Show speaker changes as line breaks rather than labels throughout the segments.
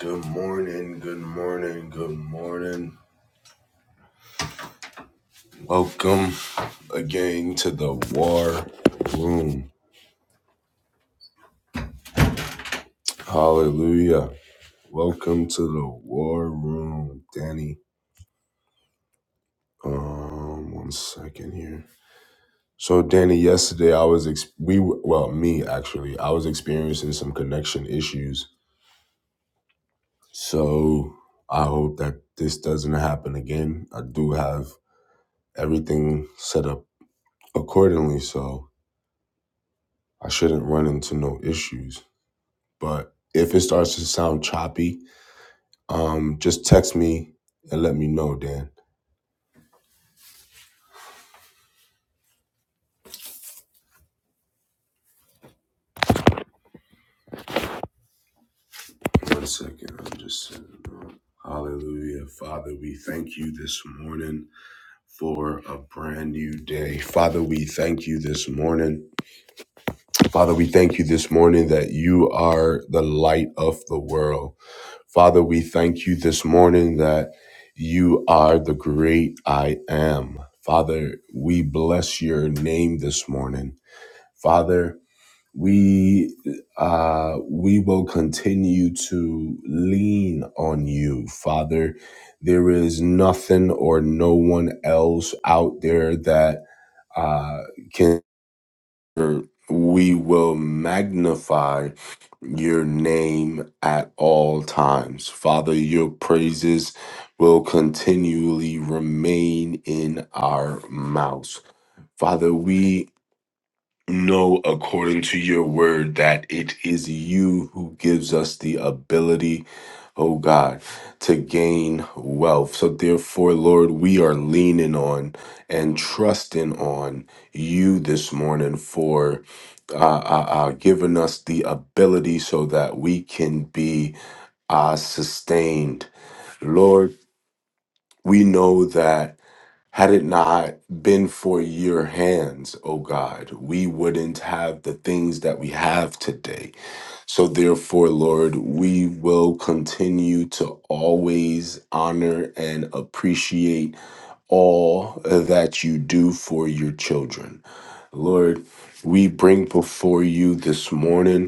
Good morning, good morning, good morning. Welcome again to the War Room. Hallelujah. Welcome to the War Room, Danny. Um, one second here. So, Danny, yesterday I was ex- we were- well, me actually, I was experiencing some connection issues. So, I hope that this doesn't happen again. I do have everything set up accordingly, so I shouldn't run into no issues. But if it starts to sound choppy, um, just text me and let me know, Dan. One second, I'm just sending out. Hallelujah. Father, we thank you this morning for a brand new day. Father, we thank you this morning. Father, we thank you this morning that you are the light of the world. Father, we thank you this morning that you are the great I am. Father, we bless your name this morning. Father, we uh, we will continue to lean on you, Father. There is nothing or no one else out there that uh, can we will magnify your name at all times. Father, your praises will continually remain in our mouths. Father, we know according to your word that it is you who gives us the ability, oh God, to gain wealth. So, therefore, Lord, we are leaning on and trusting on you this morning for. Uh, uh, uh, giving us the ability so that we can be uh, sustained. Lord, we know that had it not been for your hands, O God, we wouldn't have the things that we have today. So, therefore, Lord, we will continue to always honor and appreciate all that you do for your children. Lord, we bring before you this morning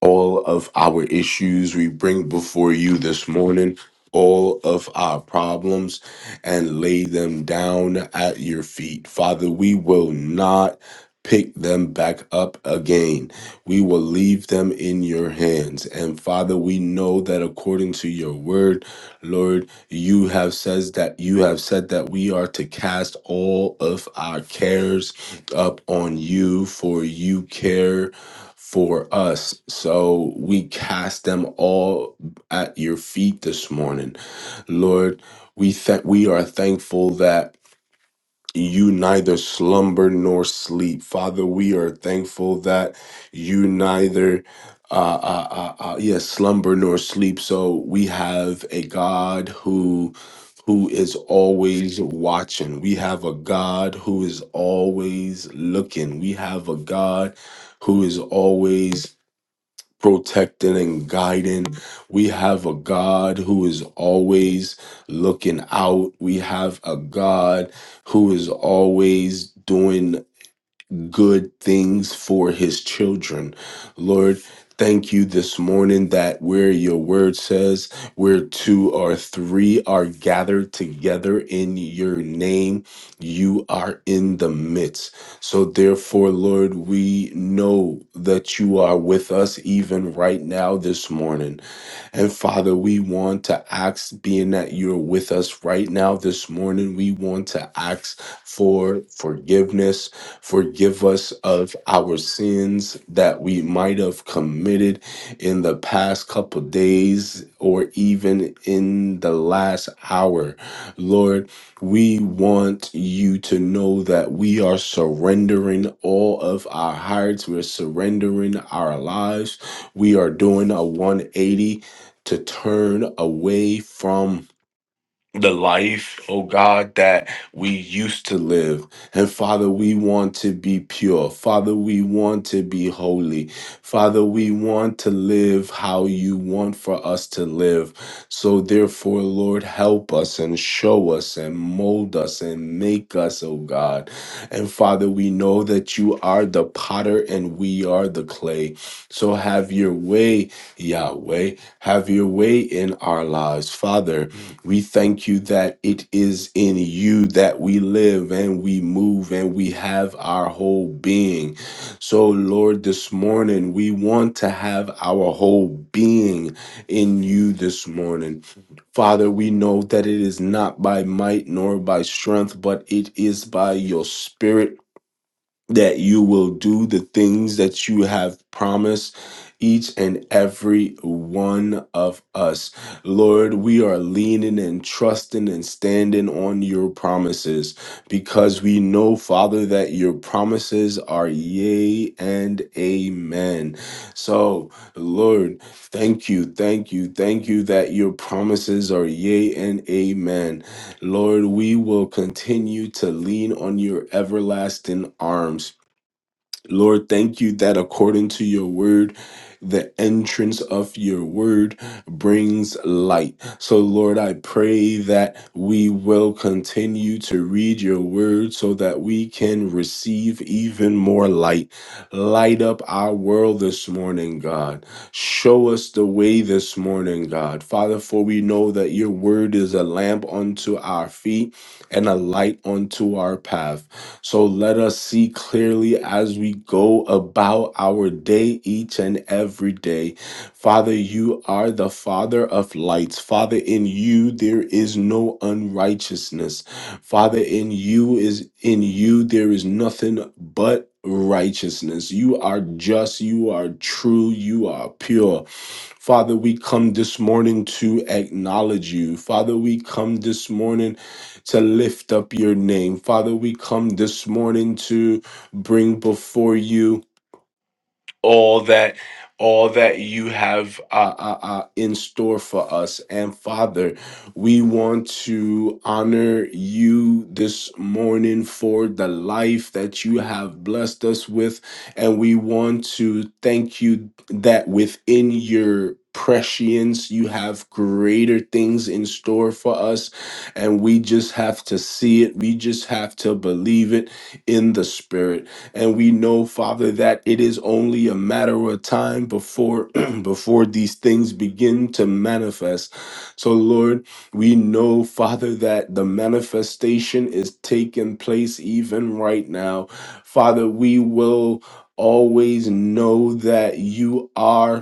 all of our issues we bring before you this morning, all of our problems, and lay them down at your feet. Father, we will not pick them back up again. We will leave them in your hands. And Father, we know that according to your word, Lord, you have says that you have said that we are to cast all of our cares up on you for you care for us. So we cast them all at your feet this morning. Lord, we thank we are thankful that you neither slumber nor sleep. Father, we are thankful that you neither uh, uh, uh, uh, yes, slumber nor sleep. So we have a God who who is always watching. We have a God who is always looking. We have a God who is always protecting and guiding. We have a God who is always looking out. We have a God who is always doing good things for his children. Lord, thank you this morning that where your word says, where two or three are gathered together in your name, you are in the midst. So, therefore, Lord, we know that you are with us even right now this morning. And Father, we want to ask, being that you're with us right now this morning, we want to ask for forgiveness Forgive us of our sins that we might have committed in the past couple days or even in the last hour. Lord, we want you to know that we are surrendering all of our hearts, we're surrendering our lives. We are doing a 180 to turn away from the life, oh God, that we used to live. And Father, we want to be pure. Father, we want to be holy. Father, we want to live how you want for us to live. So, therefore, Lord, help us and show us and mold us and make us, oh God. And Father, we know that you are the potter and we are the clay. So, have your way, Yahweh. Have your way in our lives, Father we thank you that it is in you that we live and we move and we have our whole being. So, Lord, this morning we want to have our whole being in you this morning. Father, we know that it is not by might nor by strength, but it is by your spirit that you will do the things that you have promised each and every one of us. Lord, we are leaning and trusting and standing on your promises because we know, Father, that your promises are yea and amen. So, Lord, thank you, thank you, thank you that your promises are yea and amen. Lord, we will continue to lean on your everlasting arms Lord, thank you that according to your word, the entrance of your word brings light. So, Lord, I pray that we will continue to read your word so that we can receive even more light. Light up our world this morning, God. Show us the way this morning, God. Father, for we know that your word is a lamp unto our feet and a light unto our path. So let us see clearly as we go about our day each and every day. Father, you are the Father of lights. Father, in you there is no unrighteousness. Father, in you is in you there is nothing but righteousness. You are just, you are true, you are pure. Father, we come this morning to acknowledge you. Father, we come this morning to lift up your name. Father, we come this morning to bring before you all that all that you have uh, uh, uh, in store for us and father we want to honor you this morning for the life that you have blessed us with and we want to thank you that within your prescience you have greater things in store for us and we just have to see it we just have to believe it in the spirit and we know father that it is only a matter of time before before these things begin to manifest so lord we know father that the manifestation is taking place even right now father we will always know that you are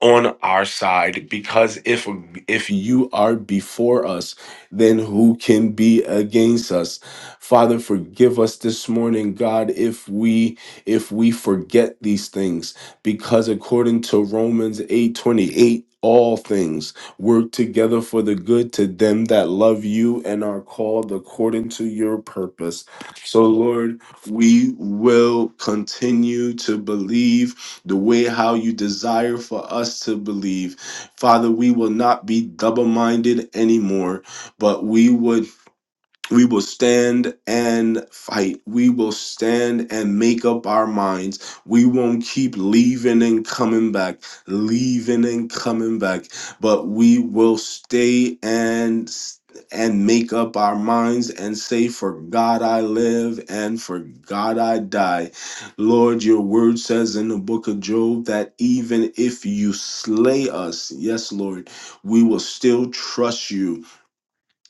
on our side because if if you are before us then who can be against us father forgive us this morning god if we if we forget these things because according to Romans 8:28 all things work together for the good to them that love you and are called according to your purpose so lord we will continue to believe the way how you desire for us to believe. Father, we will not be double minded anymore, but we would we will stand and fight. We will stand and make up our minds. We won't keep leaving and coming back, leaving and coming back, but we will stay and and make up our minds and say for God I live and for God I die. Lord, your word says in the book of Job that even if you slay us, yes Lord, we will still trust you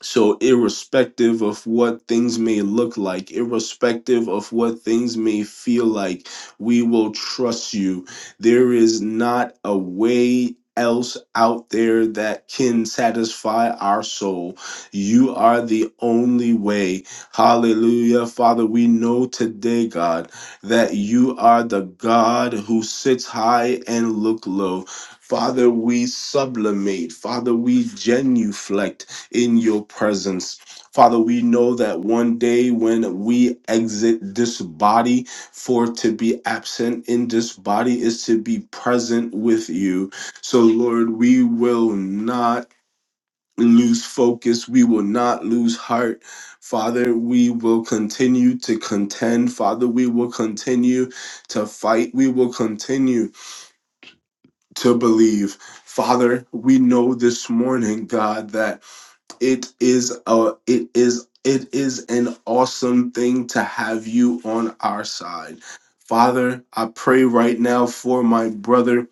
so, irrespective of what things may look like, irrespective of what things may feel like, we will trust you. There is not a way else out there that can satisfy our soul. You are the only way. Hallelujah. Father, we know today, God, that you are the God who sits high and look low. Father, we sublimate. Father, we genuflect in your presence. Father, we know that one day when we exit this body, for to be absent in this body is to be present with you. So, Lord, we will not lose focus, we will not lose heart. Father, we will continue to contend. Father, we will continue to fight. We will continue to believe. Father, we know this morning, God, that it is a it is it is an awesome thing to have you on our side father i pray right now for my brother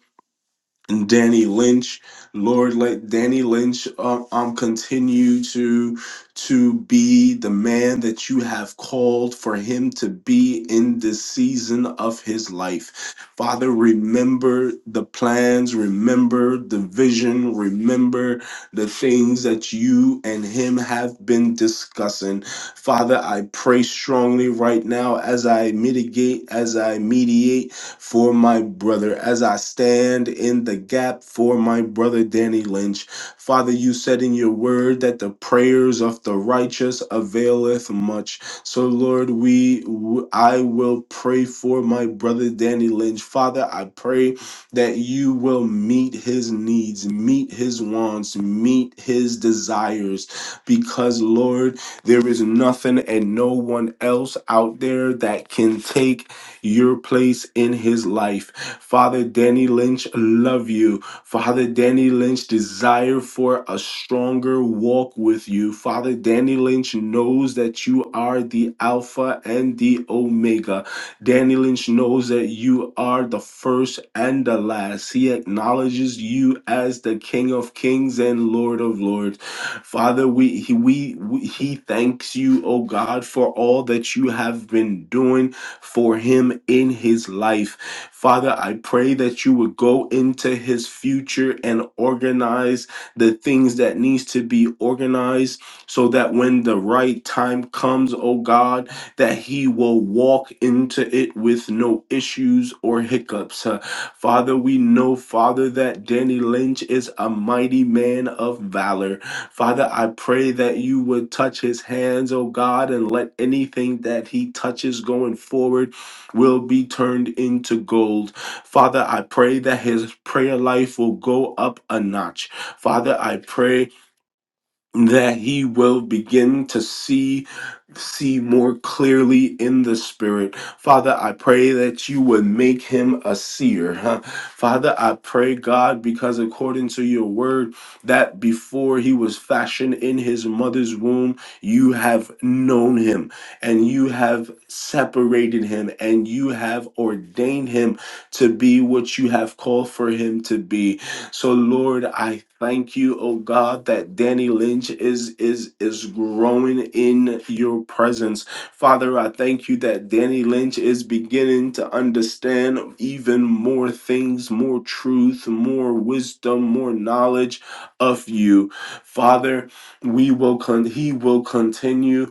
Danny Lynch, Lord, let Danny Lynch uh, um continue to to be the man that you have called for him to be in this season of his life. Father, remember the plans, remember the vision, remember the things that you and him have been discussing. Father, I pray strongly right now as I mitigate, as I mediate for my brother as I stand in the gap for my brother Danny Lynch. Father, you said in your word that the prayers of the righteous availeth much. So Lord, we I will pray for my brother Danny Lynch. Father, I pray that you will meet his needs, meet his wants, meet his desires because Lord, there is nothing and no one else out there that can take your place in his life. Father Danny Lynch, love you. Father Danny Lynch, desire for a stronger walk with you. Father Danny Lynch knows that you are the Alpha and the Omega. Danny Lynch knows that you are the first and the last. He acknowledges you as the King of Kings and Lord of Lords. Father, we he, we, we he thanks you, oh God, for all that you have been doing for him in his life. Father, I pray that you would go into his future and organize the things that needs to be organized so that when the right time comes, oh God, that he will walk into it with no issues or hiccups. Uh, Father, we know, Father, that Danny Lynch is a mighty man of valor. Father, I pray that you would touch his hands, oh God, and let anything that he touches going forward will be turned into gold. Father, I pray that his prayer life will go up a notch. Father, I pray that he will begin to see see more clearly in the spirit father i pray that you would make him a seer huh? father i pray god because according to your word that before he was fashioned in his mother's womb you have known him and you have separated him and you have ordained him to be what you have called for him to be so Lord, I thank you, oh God, that Danny Lynch is is is growing in your presence. Father, I thank you that Danny Lynch is beginning to understand even more things, more truth, more wisdom, more knowledge of you. Father, we will con- he will continue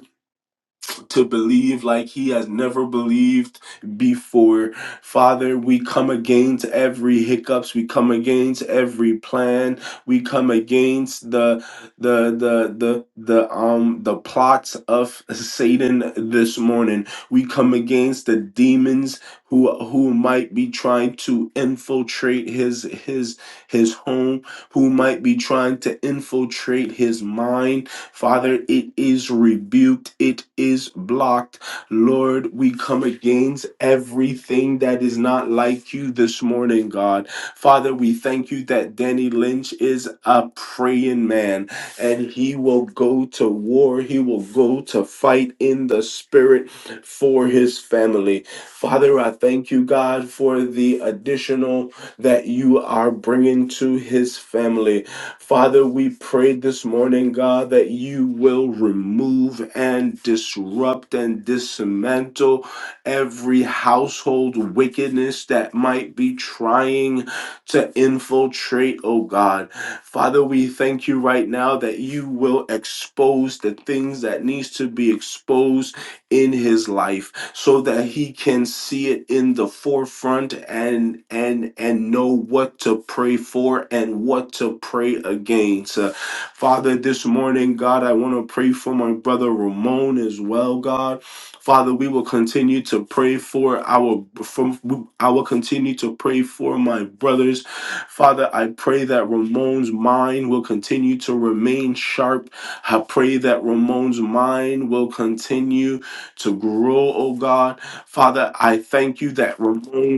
to believe like he has never believed before. Father, we come against every hiccups, we come against every plan, we come against the the the the the um the plots of Satan this morning. We come against the demons who who might be trying to infiltrate his his his home, who might be trying to infiltrate his mind Father, it is rebuked, it is blocked. Lord, we come against everything that is not like you this morning, God. Father, we thank you that Danny Lynch is a praying man and he will go to war, he will go to fight in the spirit for his family. Father, I thank you, God, for the additional that you are bringing to his family. Father, we pray this morning, God, that you will remove and disrupt and dismantle every household wickedness that might be trying to infiltrate, oh God. Father, we thank you right now that you will expose the things that needs to be exposed in his life so that he can see it in the forefront and and and know what to pray for and what to pray against. Uh, Father, this morning, God, I want to pray for my brother Ramon as well, God. Father, we will continue to pray for our from I will continue to pray for my brothers. Father, I pray that Ramon's mind will continue to remain sharp. I pray that Ramon's mind will continue to grow, oh God. Father, I thank you that Ramon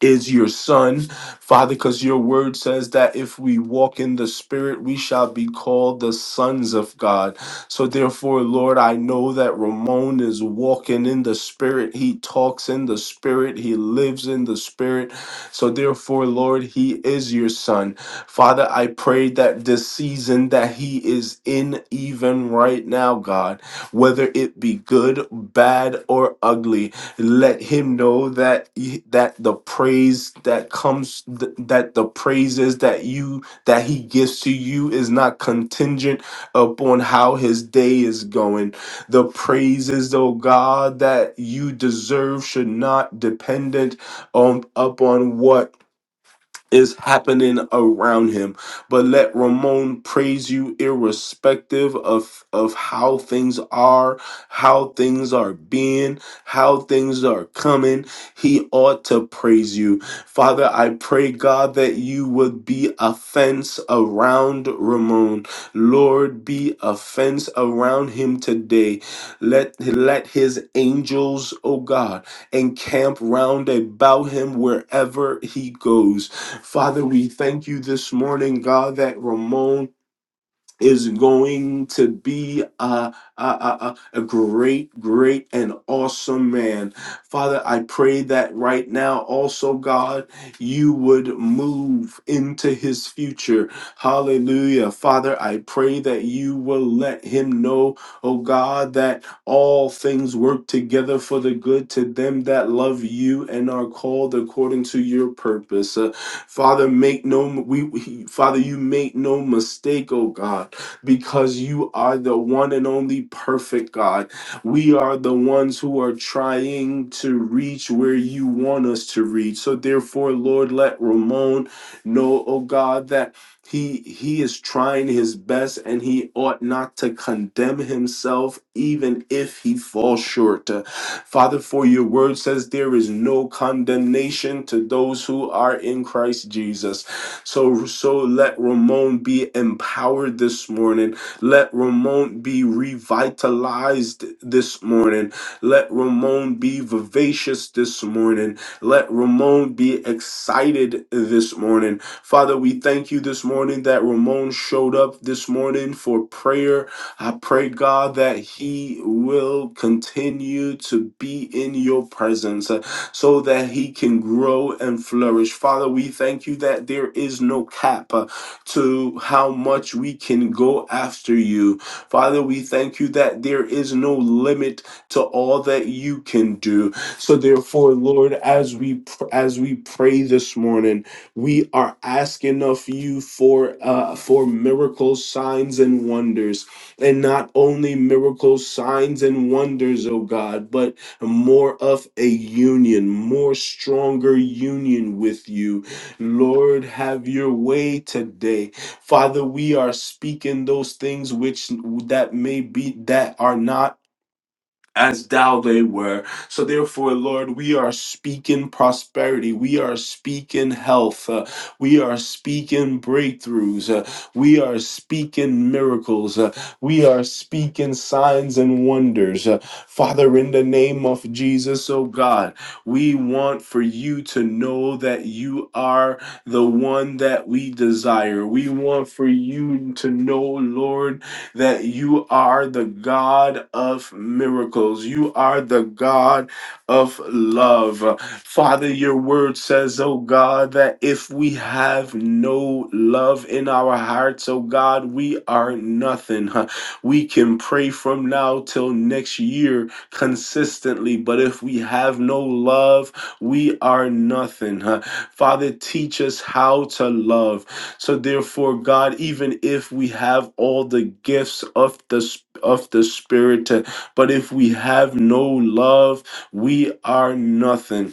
is your son, Father, because your word says that if we walk in the Spirit, we shall be called the sons of God. So, therefore, Lord, I know that Ramon is walking in the Spirit. He talks in the Spirit, he lives in the Spirit. So, therefore, Lord, he is your son. Father, I pray that this season that he is in, even right now, God, whether it be good, bad, or ugly, let him know that y- that the praise that comes th- that the praises that you that he gives to you is not contingent upon how his day is going the praises oh god that you deserve should not dependent on upon what is happening around him. But let Ramon praise you irrespective of of how things are, how things are being, how things are coming. He ought to praise you. Father, I pray God that you would be a fence around Ramon. Lord, be a fence around him today. Let let his angels, oh God, encamp round about him wherever he goes. Father, we thank you this morning, God, that Ramon is going to be a, a, a, a great, great, and awesome man. Father, I pray that right now also, God, you would move into his future. Hallelujah. Father, I pray that you will let him know, oh God, that all things work together for the good to them that love you and are called according to your purpose. Uh, Father, make no we, we- Father, you make no mistake, oh God, because you are the one and only perfect God. We are the ones who are trying to reach where you want us to reach. So therefore, Lord, let Ramon know, oh God, that he he is trying his best and he ought not to condemn himself even if he falls short. Uh, Father, for your word says there is no condemnation to those who are in Christ Jesus. So so let Ramon be empowered this morning. Let Ramon be revitalized this morning. Let Ramon be vivacious this morning. Let Ramon be excited this morning. Father, we thank you this morning that Ramon showed up this morning for prayer. I pray, God, that he will continue to be in your presence uh, so that he can grow and flourish. Father, we thank you that there is no cap uh, to how much we can go after you. Father, we thank you that there is no limit to all that you can do. So therefore, Lord, as we pr- as we pray this morning, we are asking of you for uh, for miracles, signs, and wonders, and not only miracles, signs, and wonders, oh God, but more of a union, more stronger union with you. Lord, have your way today. Father, we are speaking those things which that may be that are not as thou they were. So therefore, Lord, we are speaking prosperity. We are speaking health. uh, we are speaking breakthroughs. uh, we are speaking miracles. uh, we are speaking signs and wonders. uh, Father, in the name of Jesus, oh God, we want for you to know that you are the one that we desire. We want for you to know, Lord, that you are the God of miracles. You are the God of love. Father, your word says, oh God, that if we have no love in our hearts, oh God, we are nothing. huh? We can pray from now till next year consistently. But if we have no love, we are nothing. huh? Father, teach us how to love. So therefore, God, even if we have all the gifts of the Spirit, of the spirit, uh, but if we have no love, we are nothing.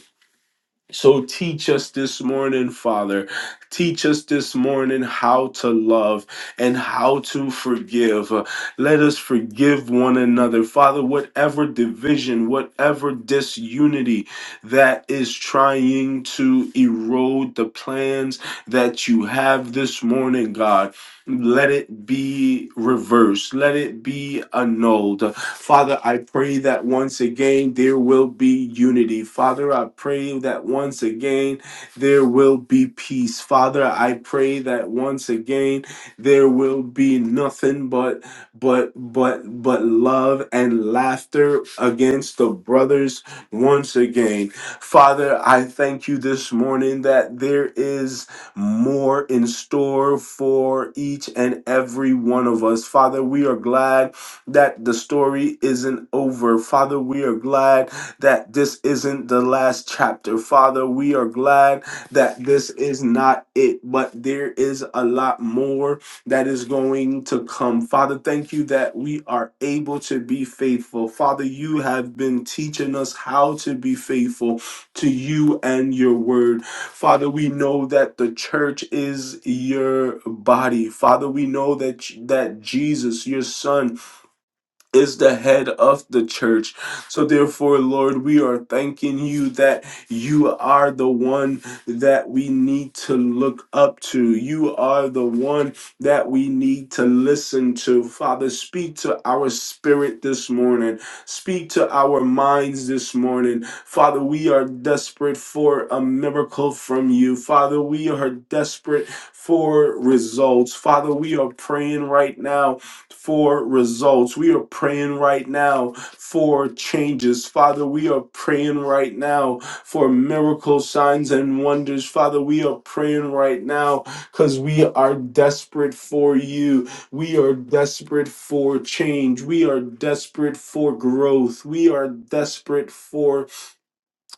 So teach us this morning, Father. Teach us this morning how to love and how to forgive. Uh, Let us forgive one another. Father, whatever division, whatever disunity that is trying to erode the plans that you have this morning, God. Let it be reversed. Let it be annulled. Father, I pray that once again there will be unity. Father, I pray that once again there will be peace. Father, I pray that once again there will be nothing but but but but love and laughter against the brothers once again. Father, I thank you this morning that there is more in store for each and every one of us. Father, we are glad that the story isn't over. Father, we are glad that this isn't the last chapter. Father, we are glad that this is not it, but there is a lot more that is going to come. Father, thank you that we are able to be faithful. Father, you have been teaching us how to be faithful to you and your word. Father, we know that the church is your body. Father, we know that that Jesus, your son, is the head of the church. So, therefore, Lord, we are thanking you that you are the one that we need to look up to. You are the one that we need to listen to. Father, speak to our spirit this morning, speak to our minds this morning. Father, we are desperate for a miracle from you. Father, we are desperate for results. Father, we are praying right now for results. We are praying right now for changes. Father, we are praying right now for miracles, signs, and wonders. Father, we are praying right now because we are desperate for you. We are desperate for change. We are desperate for growth. We are desperate for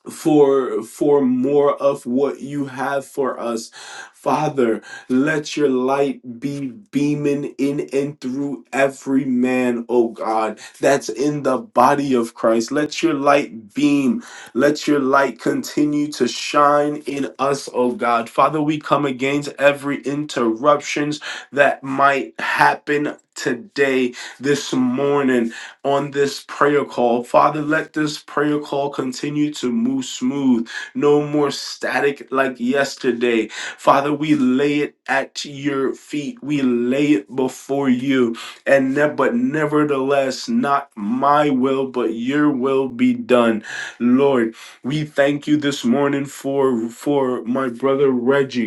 for for more of what you have for us father let your light be beaming in and through every man oh god that's in the body of christ let your light beam let your light continue to shine in us oh god father we come against every interruptions that might happen today this morning on this prayer call. Father, let this prayer call continue to move smooth, no more static like yesterday. Father, we lay it at your feet, we lay it before you. And ne- but nevertheless, not my will, but your will be done. Lord, we thank you this morning for for my brother Reggie.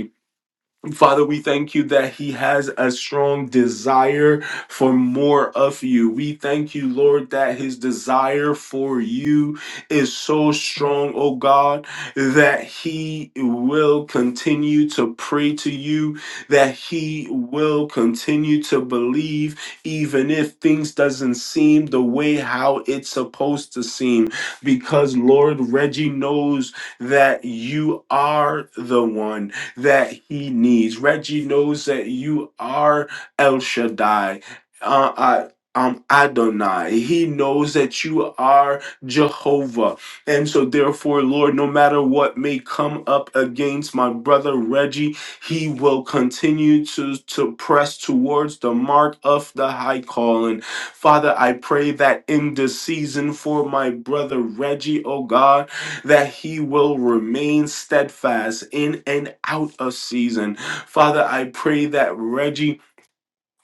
Father, we thank you that He has a strong desire for more of you. We thank you, Lord, that His desire for you is so strong, oh God, that He will continue to pray to you, that He will continue to believe, even if things doesn't seem the way how it's supposed to seem. Because Lord, Reggie knows that you are the one that he needs. Reggie knows that you are El Shaddai. Uh, I, um, Adonai. He knows that you are Jehovah. And so, therefore, Lord, no matter what may come up against my brother Reggie, he will continue to, to press towards the mark of the high calling. Father, I pray that in this season for my brother Reggie, oh God, that he will remain steadfast in and out of season. Father, I pray that Reggie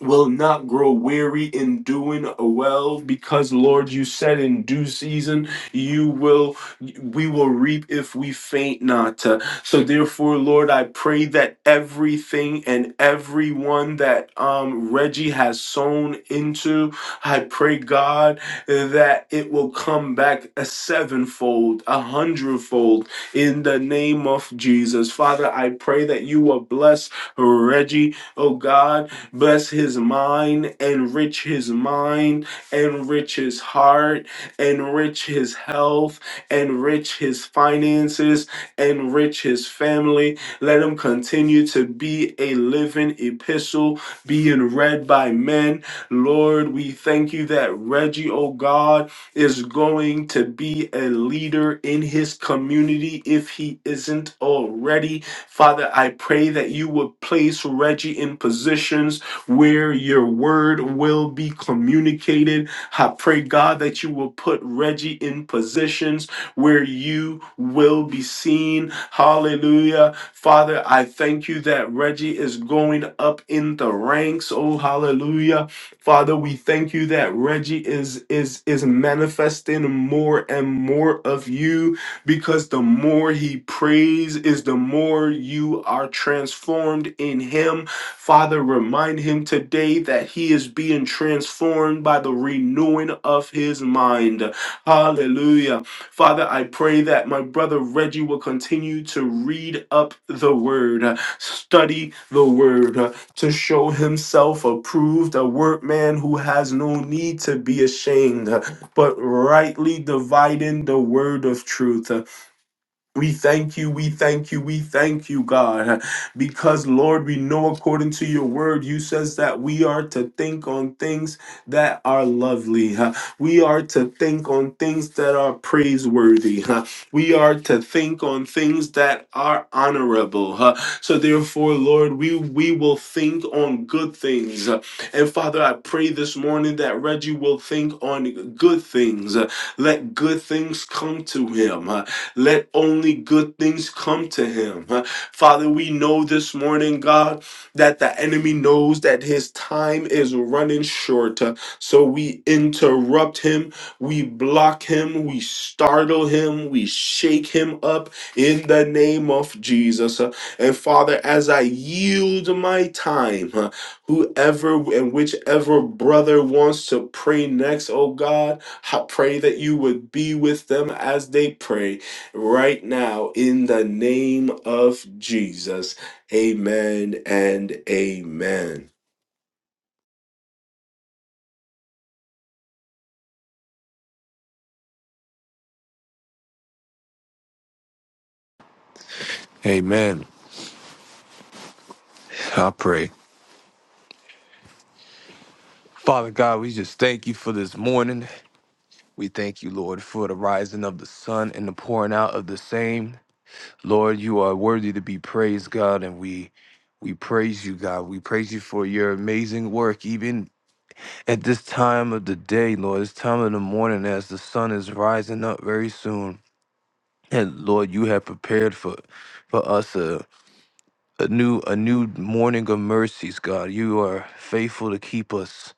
will not grow weary in doing well because lord you said in due season you will we will reap if we faint not Uh, so therefore lord i pray that everything and everyone that um reggie has sown into i pray god that it will come back a sevenfold a hundredfold in the name of jesus father i pray that you will bless reggie oh god Bless his mind, enrich his mind, enrich his heart, enrich his health, enrich his finances, enrich his family. Let him continue to be a living epistle being read by men. Lord, we thank you that Reggie, oh God, is going to be a leader in his community if he isn't already. Father, I pray that you would place Reggie in positions where your word will be communicated. I pray, God, that you will put Reggie in positions where you will be seen. Hallelujah. Father, I thank you that Reggie is going up in the ranks. Oh, hallelujah. Father, we thank you that Reggie is is is manifesting more and more of you because the more he prays is the more you are transformed in him Father, remind him today that he is being transformed by the renewing of his mind. Hallelujah. Father, I pray that my brother Reggie will continue to read up the word, study the word, to show himself approved, a workman who has no need to be ashamed, but rightly dividing the word of truth. We thank you, we thank you, we thank you, God, because Lord, we know according to your word, you says that we are to think on things that are lovely. huh? We are to think on things that are praiseworthy. huh? We are to think on things that are honorable. huh? So therefore, Lord, we we will think on good things. huh? And Father, I pray this morning that Reggie will think on good things. huh? Let good things come to him. Let only good things come to him. Uh, Father, we know this morning, God, that the enemy knows that his time is running short. Uh, So we interrupt him, we block him, we startle him, we shake him up in the name of Jesus. Uh, And Father, as I yield my time, uh, whoever and whichever brother wants to pray next, oh God, I pray that you would be with them as they pray right now in the name of Jesus. Amen and amen.
Amen. I pray. Father God, we just thank you for this morning. We thank you, Lord, for the rising of the sun and the pouring out of the same. Lord, you are worthy to be praised, God, and we we praise you, God. We praise you for your amazing work, even at this time of the day, Lord, this time of the morning as the sun is rising up very soon. And Lord, you have prepared for for us a, a new a new morning of mercies, God. You are faithful to keep us.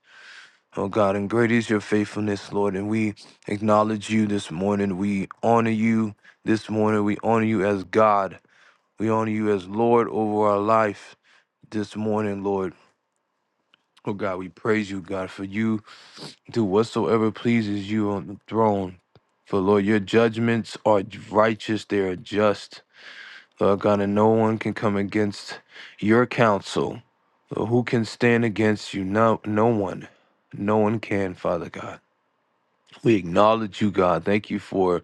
Oh God, and great is your faithfulness, Lord. And we acknowledge you this morning. We honor you this morning. We honor you as God. We honor you as Lord over our life this morning, Lord. Oh God, we praise you, God, for you do whatsoever pleases you on the throne. For Lord, your judgments are righteous, they are just. Lord God, and no one can come against your counsel. Lord, who can stand against you? No, no one. No one can, Father God. We acknowledge you, God. Thank you for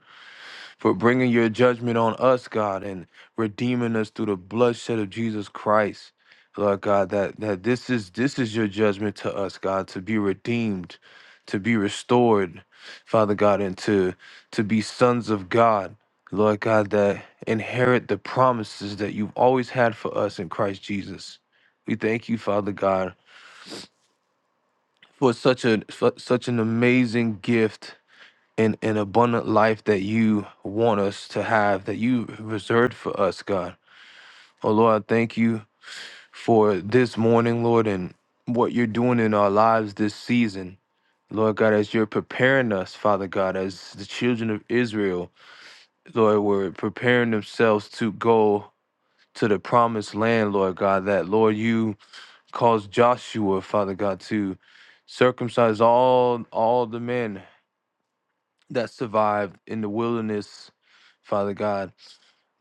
for bringing your judgment on us, God, and redeeming us through the bloodshed of Jesus Christ. Lord God, that that this is this is your judgment to us, God, to be redeemed, to be restored, Father God, and to to be sons of God. Lord God, that inherit the promises that you've always had for us in Christ Jesus. We thank you, Father God, for such a for such an amazing gift and an abundant life that you want us to have, that you reserved for us, God. Oh Lord, I thank you for this morning, Lord, and what you're doing in our lives this season. Lord God, as you're preparing us, Father God, as the children of Israel, Lord, were preparing themselves to go to the promised land, Lord God, that Lord, you caused Joshua, Father God, to circumcise all all the men that survived in the wilderness, Father God,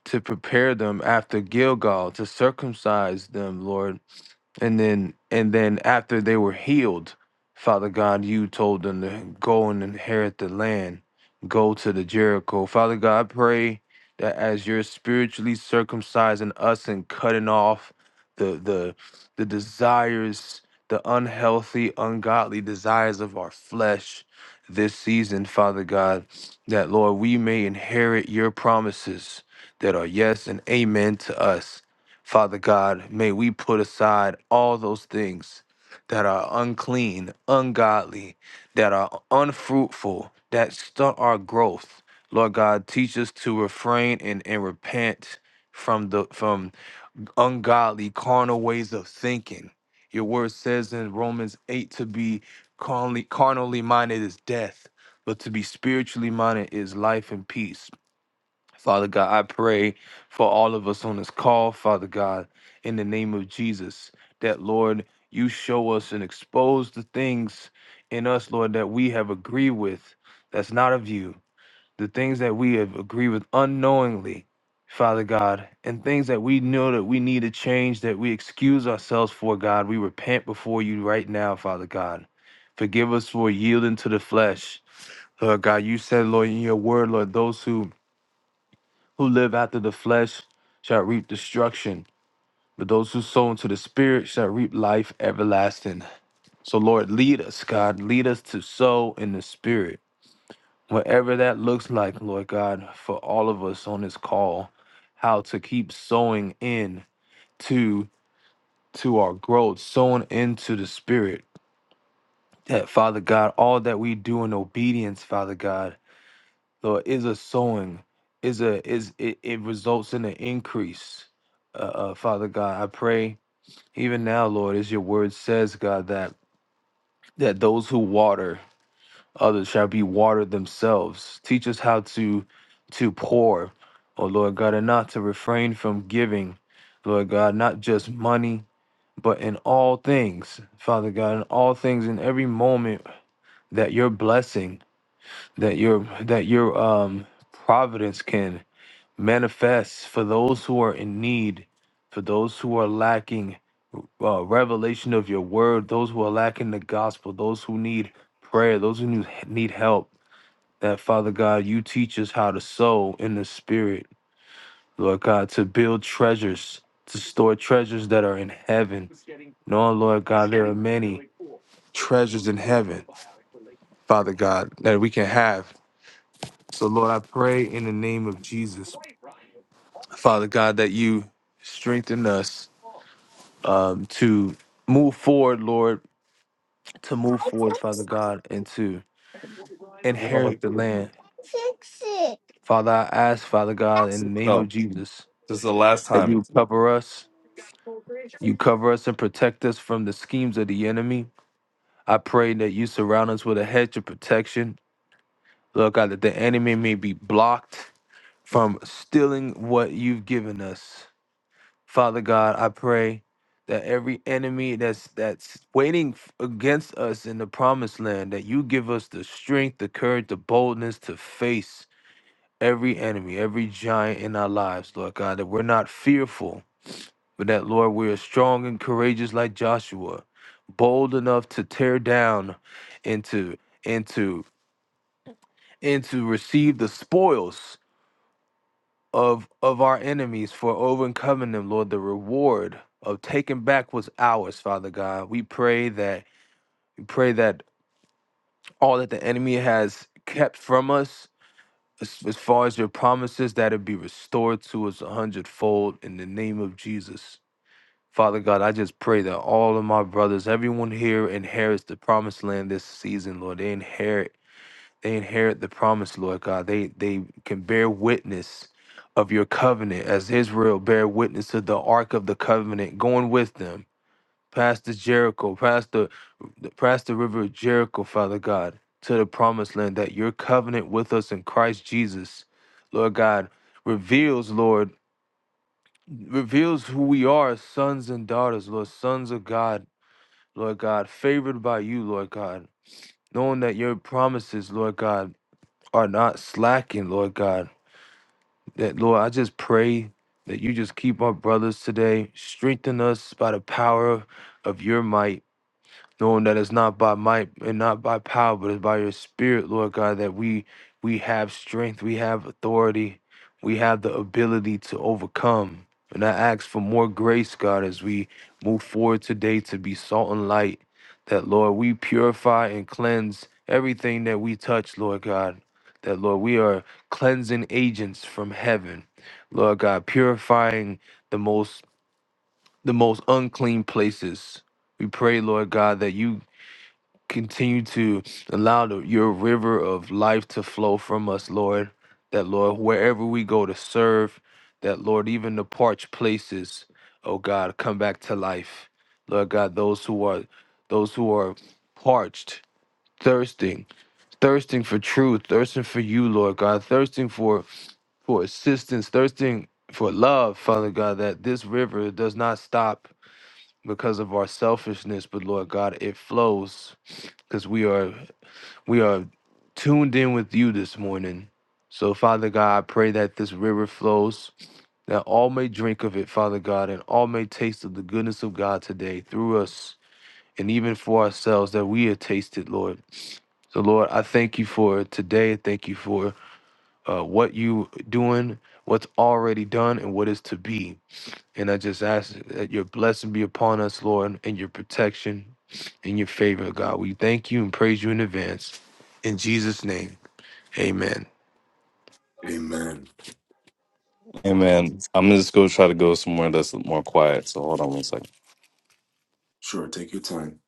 to prepare them after Gilgal, to circumcise them, Lord, and then and then after they were healed, Father God, you told them to go and inherit the land, go to the Jericho. Father God, I pray that as you're spiritually circumcising us and cutting off the the the desires, the unhealthy, ungodly desires of our flesh this season, Father God, that Lord, we may inherit your promises that are yes and amen to us. Father God, may we put aside all those things that are unclean, ungodly, that are unfruitful, that stunt our growth. Lord God, teach us to refrain and, and repent from the from ungodly carnal ways of thinking. Your word says in Romans 8 to be carnally, carnally minded is death, but to be spiritually minded is life and peace. Father God, I pray for all of us on this call, Father God, in the name of Jesus, that Lord, you show us and expose the things in us, Lord, that we have agreed with that's not of you, the things that we have agreed with unknowingly, Father God, and things that we know that we need to change, that we excuse ourselves for, God. We repent before you right now, Father God. Forgive us for yielding to the flesh. Lord God, you said, Lord, in your word, Lord, those who who live after the flesh shall reap destruction, but those who sow into the spirit shall reap life everlasting. So, Lord, lead us, God. Lead us to sow in the spirit, whatever that looks like, Lord God, for all of us on this call, how to keep sowing in to to our growth, sowing into the spirit. That Father God, all that we do in obedience, Father God, So is a sowing is a is it, it results in an increase. Uh, uh, Father God, I pray even now, Lord, as your word says, God, that that those who water others shall be watered themselves. Teach us how to to pour, oh Lord God, and not to refrain from giving, Lord God, not just money, but in all things, Father God, in all things, in every moment that your blessing, that your that your um providence can manifest for those who are in need, for those who are lacking uh, revelation of your word, those who are lacking the gospel, those who need prayer, those who need need help. That Father God, you teach us how to sow in the spirit, Lord God, to build treasures, to store treasures that are in heaven. Knowing, Lord God, there are many treasures in heaven, Father God, that we can have. So, Lord, I pray in the name of Jesus, Father God, that you strengthen us um, to move forward, Lord, to move forward, Father God, and to
You don't
inherit the
like-
land. Father, I ask, Father God, in the name of
No,
Jesus,
this is the last
that you
time.
cover us, you cover us and protect us from the schemes of the enemy. I pray that you surround us with a hedge of protection. Lord God, that the enemy may be blocked from stealing what you've given us. Father God, I pray that every enemy that's that's waiting f- against us in the promised land, that you give us the strength, the courage, the boldness to face every enemy, every giant in our lives, Lord God, that we're not fearful, but that Lord, we are strong and courageous like Joshua, bold enough to tear down and to and to and to receive the spoils of of our enemies for overcoming them, Lord. The reward of taking back was ours, Father God. We pray that we pray that all that the enemy has kept from us, as, as far as your promises, that it be restored to us a hundredfold in the name of Jesus. Father God, I just pray that all of my brothers, everyone here inherits the promised land this season, Lord. They inherit they inherit the promise, Lord God. They they can bear witness of your covenant as Israel bear witness to the ark of the covenant going with them past the Jericho, past the past the river of Jericho, Father God, to the promised land that your covenant with us in Christ Jesus, Lord God, reveals, Lord, reveals who we are, as sons and daughters, Lord, sons of God, Lord God, favored by you, Lord God, knowing that your promises, Lord God, are not slacking, Lord God. That Lord, I just pray that you just keep our brothers today, strengthen us by the power of your might knowing that it's not by might and not by power, but it's by your spirit, Lord God, that we we have strength, we have authority, we have the ability to overcome. And I ask for more grace, God, as we move forward today to be salt and light. That Lord, we purify and cleanse everything that we touch, Lord God. That Lord, we are cleansing agents from heaven. Lord God, purifying the most the most unclean places. We pray, Lord God, that you continue to allow the, your river of life to flow from us, Lord. That, Lord, wherever we go to serve, that, Lord, even the parched places, oh God, come back to life. Lord God, those who are those who are parched, thirsting, thirsting for truth, thirsting for you, Lord God, thirsting for for assistance, thirsting for love, Father God, that this river does not stop because of our selfishness, but Lord God, it flows because we are we are tuned in with you this morning. So, Father God, I pray that this river flows, that all may drink of it, Father God, and all may taste of the goodness of God today through us and even for ourselves that we have tasted, Lord. So, Lord, I thank you for today. Thank you for uh, what you doing, what's already done, and what is to be. And I just ask that your blessing be upon us, Lord, and your protection and your favor, God. We thank you and praise you in advance. In Jesus' name. Amen.
Amen.
Amen. I'm gonna just go try to go somewhere that's more quiet. So hold on one second.
Sure, take your time.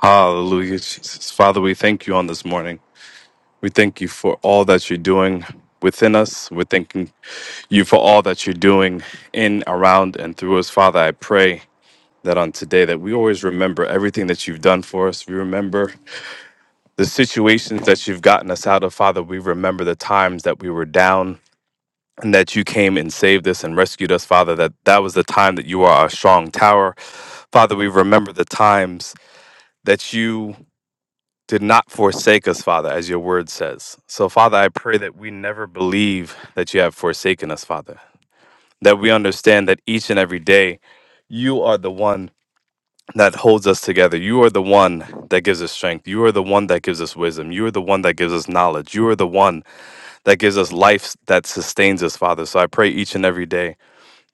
Hallelujah, Jesus. Father, we thank you on this morning. We thank you for all that you're doing within us. We're thanking you for all that you're doing in, around, and through us. Father, I pray that on today that we always remember everything that you've done for us. We remember the situations that you've gotten us out of, Father. We remember the times that we were down. and that you came and saved us and rescued us, Father, that that was the time that you are our strong tower. Father, we remember the times that you did not forsake us, Father, as your word says. So, Father, I pray that we never believe that you have forsaken us, Father, that we understand that each and every day you are the one that holds us together. You are the one that gives us strength. You are the one that gives us wisdom. You are the one that gives us knowledge. You are the one that gives us life that sustains us, Father. So I pray each and every day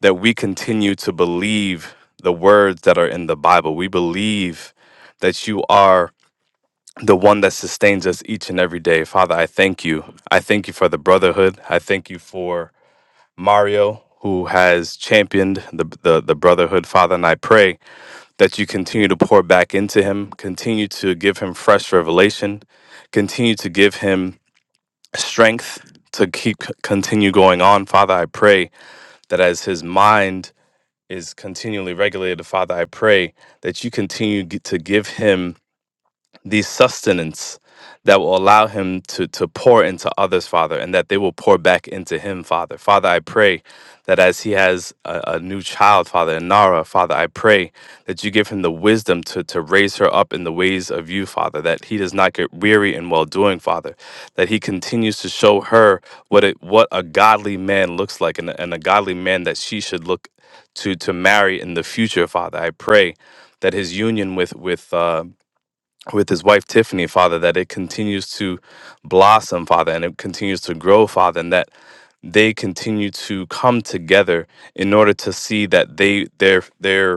that we continue to believe the words that are in the Bible. We believe that you are the one that sustains us each and every day. Father, I thank you. I thank you for the brotherhood. I thank you for Mario. Who has championed the, the the brotherhood, Father? And I pray that you continue to pour back into him, continue to give him fresh revelation, continue to give him strength to keep continue going on, Father. I pray that as his mind is continually regulated. Father, I pray that you continue g- to give him the sustenance that will allow him to to pour into others, Father, and that they will pour back into him, Father. Father, I pray that as he has a, a new child, Father, and Nara, Father, I pray that you give him the wisdom to to raise her up in the ways of you, Father, that he does not get weary in well doing, Father, that he continues to show her what it what a godly man looks like and, a- and a godly man that she should look to to marry in the future, Father. I pray that his union with with uh with his wife Tiffany, Father, that it continues to blossom, Father, and it continues to grow, Father, and that they continue to come together in order to see that they their their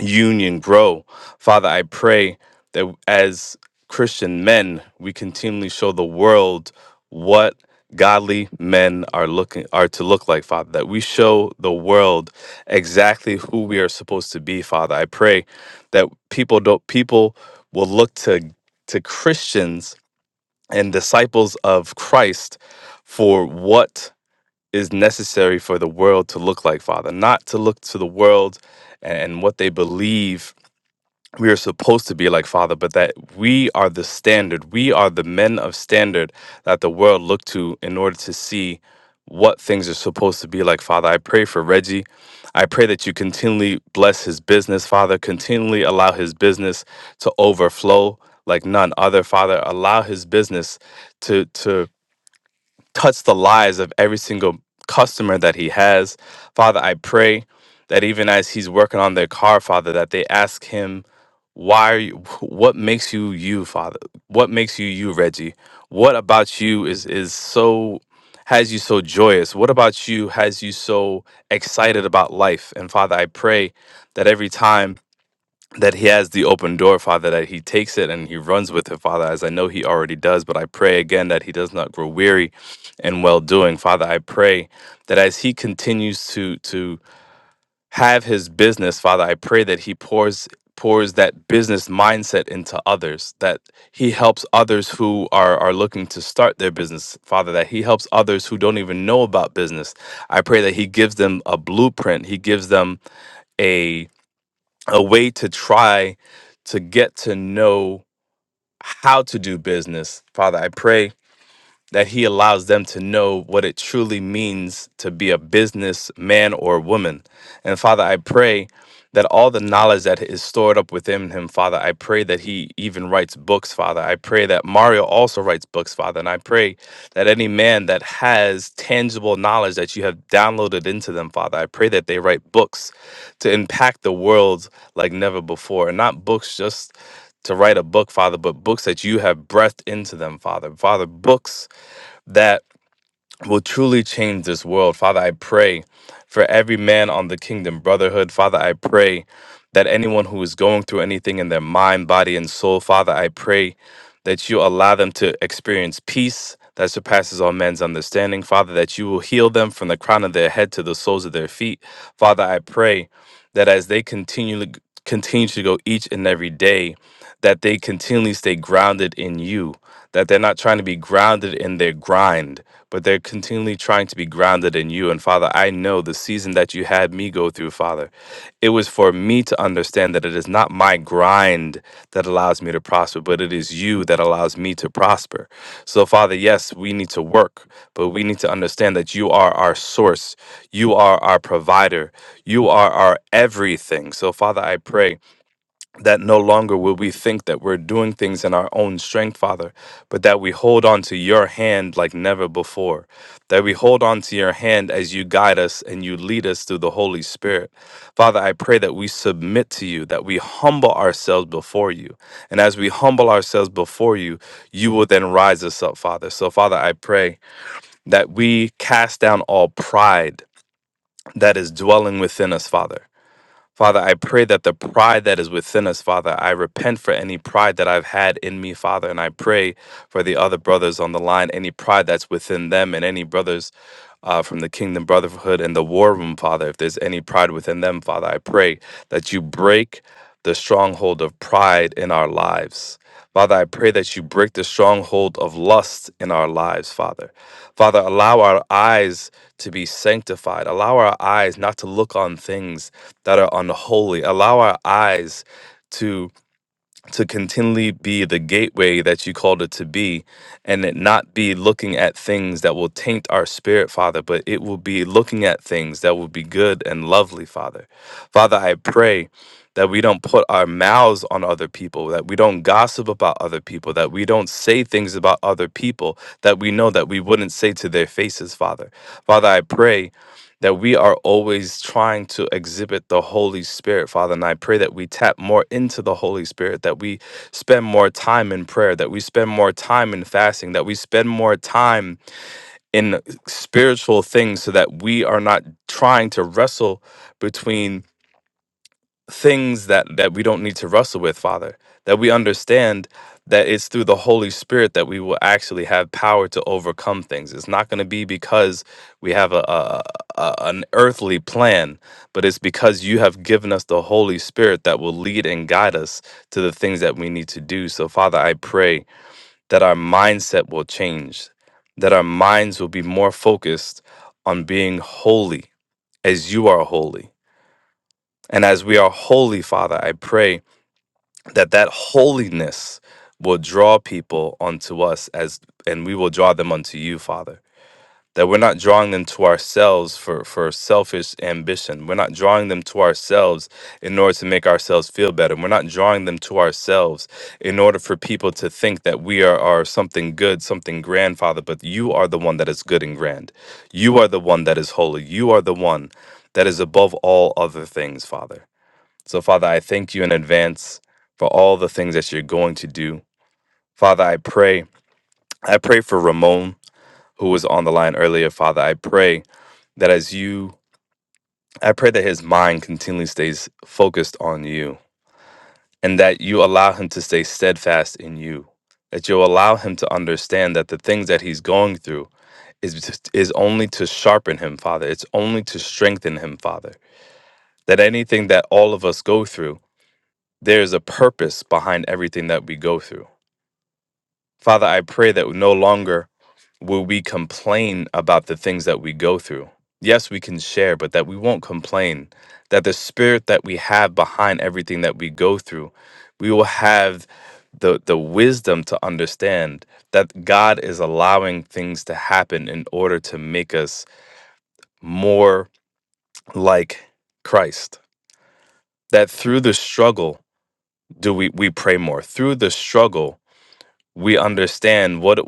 union grow. Father, I pray that as Christian men, we continually show the world what godly men are looking are to look like father that we show the world exactly who we are supposed to be father i pray that people don't people will look to to christians and disciples of christ for what is necessary for the world to look like father not to look to the world and what they believe we are supposed to be like father but that we are the standard we are the men of standard that the world look to in order to see what things are supposed to be like father i pray for reggie i pray that you continually bless his business father continually allow his business to overflow like none other father allow his business to to touch the lives of every single customer that he has. Father, I pray that even as he's working on their car, Father, that they ask him, why are you wh- what makes you you, Father? What makes you you, Reggie? What about you is is so has you so joyous? What about you has you so excited about life? And Father, I pray that every time that he has the open door, Father, that he takes it and he runs with it, Father, as I know he already does. But I pray again that he does not grow weary in well doing, Father. I pray that as he continues to to have his business, Father, I pray that he pours pours that business mindset into others, that he helps others who are are looking to start their business, Father, that he helps others who don't even know about business. I pray that he gives them a blueprint. He gives them a a way to try to get to know how to do business. Father, I pray that he allows them to know what it truly means to be a business man or woman. And Father, I pray that all the knowledge that is stored up within him, Father, I pray that he even writes books, Father. I pray that Mario also writes books, Father. And I pray that any man that has tangible knowledge that you have downloaded into them, Father, I pray that they write books to impact the world like never before. And not books just to write a book, Father, but books that you have breathed into them, Father. Father, books that will truly change this world. Father, I pray for every man on the Kingdom Brotherhood. Father, I pray that anyone who is going through anything in their mind, body, and soul, Father, I pray that you allow them to experience peace that surpasses all men's understanding. Father, that you will heal them from the crown of their head to the soles of their feet. Father, I pray that as they continually continue to go each and every day, that they continually stay grounded in you, that they're not trying to be grounded in their grind but they're continually trying to be grounded in you. And Father, I know the season that you had me go through, Father, it was for me to understand that it is not my grind that allows me to prosper, but it is you that allows me to prosper. So, Father, yes, we need to work, but we need to understand that you are our source, you are our provider, you are our everything. So, Father, I pray that no longer will we think that we're doing things in our own strength, Father, but that we hold on to your hand like never before. That we hold on to your hand as you guide us and you lead us through the Holy Spirit. Father, I pray that we submit to you, that we humble ourselves before you. And as we humble ourselves before you, you will then rise us up, Father. So, Father, I pray that we cast down all pride that is dwelling within us, Father. Father, I pray that the pride that is within us, Father, I repent for any pride that I've had in me, Father, and I pray for the other brothers on the line, any pride that's within them, and any brothers uh, from the Kingdom Brotherhood and the War Room, Father, if there's any pride within them, Father, I pray that you break the stronghold of pride in our lives. Father, I pray that you break the stronghold of lust in our lives, Father. Father, allow our eyes to be sanctified. Allow our eyes not to look on things that are unholy. Allow our eyes to to continually be the gateway that you called it to be and it not be looking at things that will taint our spirit father but it will be looking at things that will be good and lovely father father i pray that we don't put our mouths on other people that we don't gossip about other people that we don't say things about other people that we know that we wouldn't say to their faces father father i pray that we are always trying to exhibit the Holy Spirit, Father. And I pray that we tap more into the Holy Spirit, that we spend more time in prayer, that we spend more time in fasting, that we spend more time in spiritual things so that we are not trying to wrestle between things that that we don't need to wrestle with father that we understand that it's through the holy spirit that we will actually have power to overcome things it's not going to be because we have a, a, a an earthly plan but it's because you have given us the holy spirit that will lead and guide us to the things that we need to do so father i pray that our mindset will change that our minds will be more focused on being holy as you are holy and as we are holy father i pray that that holiness will draw people unto us as and we will draw them unto you father that we're not drawing them to ourselves for for selfish ambition we're not drawing them to ourselves in order to make ourselves feel better we're not drawing them to ourselves in order for people to think that we are, are something good something grand father but you are the one that is good and grand you are the one that is holy you are the one that is above all other things father so, Father, I thank you in advance for all the things that you're going to do. Father, I pray. I pray for Ramon, who was on the line earlier. Father, I pray that as you, I pray that his mind continually stays focused on you and that you allow him to stay steadfast in you, that you allow him to understand that the things that he's going through is, just- is only to sharpen him, Father. It's only to strengthen him, Father. That anything that all of us go through, There's a purpose behind everything that we go through. Father, I pray that no longer will we complain about the things that we go through. Yes, we can share, but that we won't complain. That the spirit that we have behind everything that we go through, we will have the, the wisdom to understand that God is allowing things to happen in order to make us more like Christ. That through the struggle, do we, we pray more? Through the struggle, we understand what it,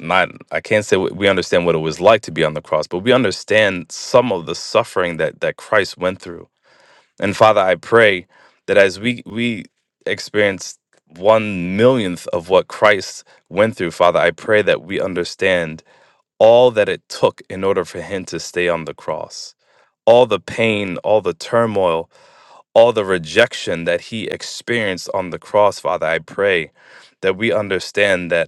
not I can't say we understand what it was like to be on the cross, but we understand some of the suffering that that Christ went through. And Father, I pray that as we we experience one millionth of what Christ went through, Father, I pray that we understand all that it took in order for him to stay on the cross. All the pain, all the turmoil, all the rejection that he experienced on the cross, Father, I pray that we understand that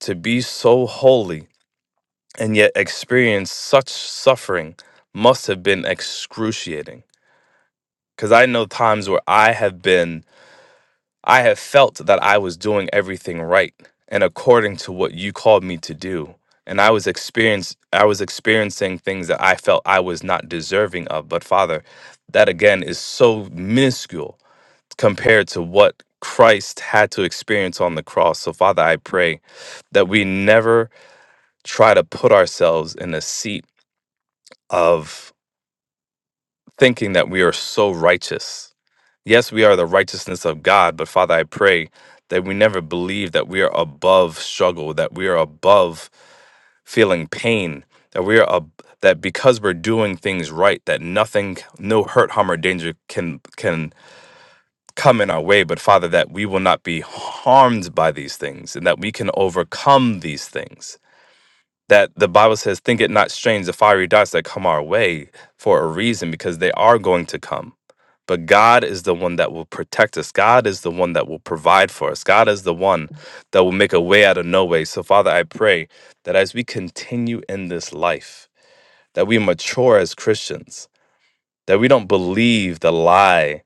to be so holy and yet experience such suffering must have been excruciating. Because I know times where I have been, I have felt that I was doing everything right and according to what you called me to do. And I was experience, I was experiencing things that I felt I was not deserving of. But Father, that again is so minuscule compared to what Christ had to experience on the cross. So Father, I pray that we never try to put ourselves in the seat of thinking that we are so righteous. Yes, we are the righteousness of God, but Father, I pray that we never believe that we are above struggle, that we are above feeling pain, that we are ab- that because we're doing things right, that nothing, no hurt, harm, or danger can can come in our way. But Father, that we will not be harmed by these things, and that we can overcome these things that the Bible says, Think it not strange the fiery darts that come our way for a reason because they are going to come. But God is the one that will protect us. God is the one that will provide for us. God is the one that will make a way out of no way. So, Father, I pray that as we continue in this life, that we mature as Christians, that we don't believe the lie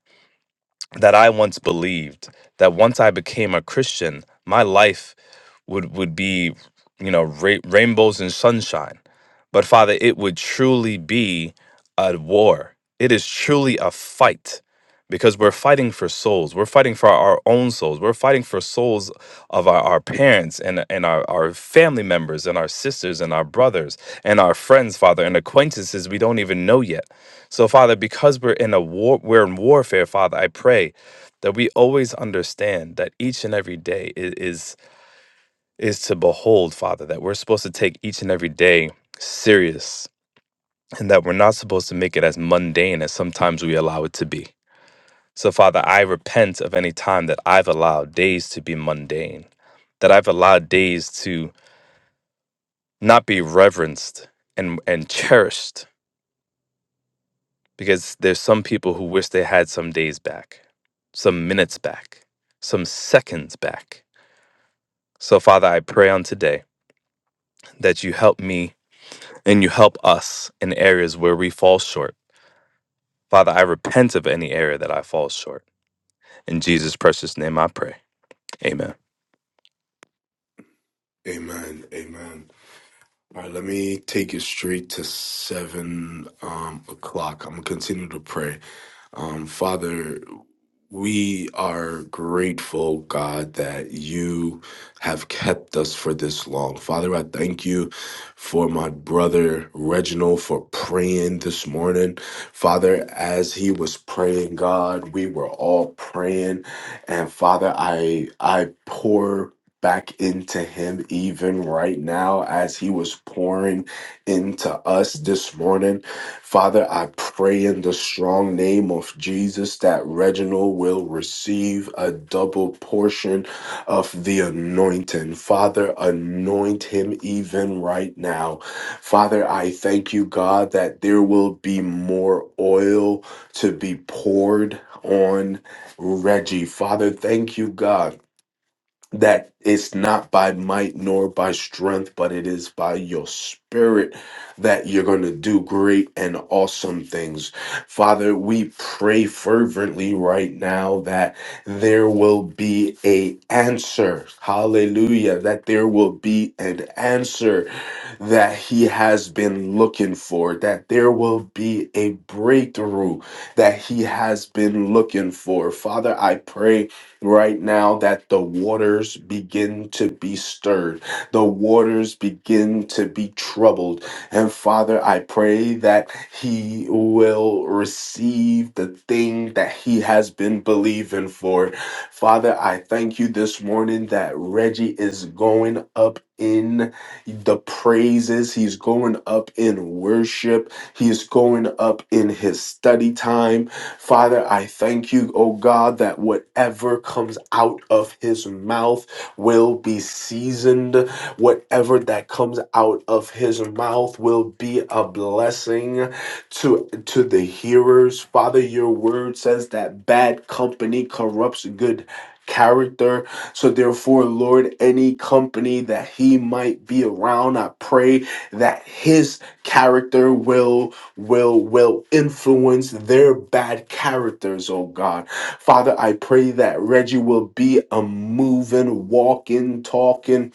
that I once believed that once I became a Christian, my life would would be, you know, ra- rainbows and sunshine. But Father, it would truly be a war. It is truly a fight because we're fighting for souls. We're fighting for our own souls. We're fighting for souls of our, our parents and, and our, our family members and our sisters and our brothers and our friends, Father, and acquaintances we don't even know yet. So, Father, because we're in a war, we're in warfare, Father, I pray that we always understand that each and every day i- is is to behold, Father, that we're supposed to take each and every day serious and that we're not supposed to make it as mundane as sometimes we allow it to be. So, Father, I repent of any time that I've allowed days to be mundane, that I've allowed days to not be reverenced and, and cherished because there's some people who wish they had some days back, some minutes back, some seconds back. So, Father, I pray on today that you help me and you help us in areas where we fall short. Father, I repent of any area that I fall short. In Jesus' precious name I pray. Amen.
Amen. Amen. All right, let me take you straight to seven um, o'clock. I'm gonna continue to pray. Um, Father, we are grateful, God, that you have kept us for this long. Father, I thank you for my brother Reginald for praying this morning. Father, as he was praying, God, we were all praying. And Father, I I pour back into him even right now as he was pouring into us this morning. Father, I pray in the strong name of Jesus that Reginald will receive a double portion of the anointing. Father, anoint him even right now. Father, I thank you, God, that there will be more oil to be poured on Reggie. Father, thank you, God that it's not by might nor by strength, but it is by your spirit that you're going to do great and awesome things. Father, we pray fervently right now that there will be a answer. Hallelujah. That there will be an answer that he has been looking for, that there will be a breakthrough that he has been looking for. Father, I pray right now that the waters begin to be stirred, the waters begin to be troubled. And Father, I pray that he will receive the thing that he has been believing for. Father, I thank you this morning that Reggie is going up in the praises, he's going up in worship. He is going up in his study time. Father, I thank you, oh God, that whatever comes out of his mouth will be seasoned. Whatever that comes out of his mouth will be a blessing to to the hearers. Father, your word says that bad company corrupts good character. So therefore, Lord, any company that he might be around, I pray that his character will will will influence their bad characters oh god father i pray that reggie will be a moving walking talking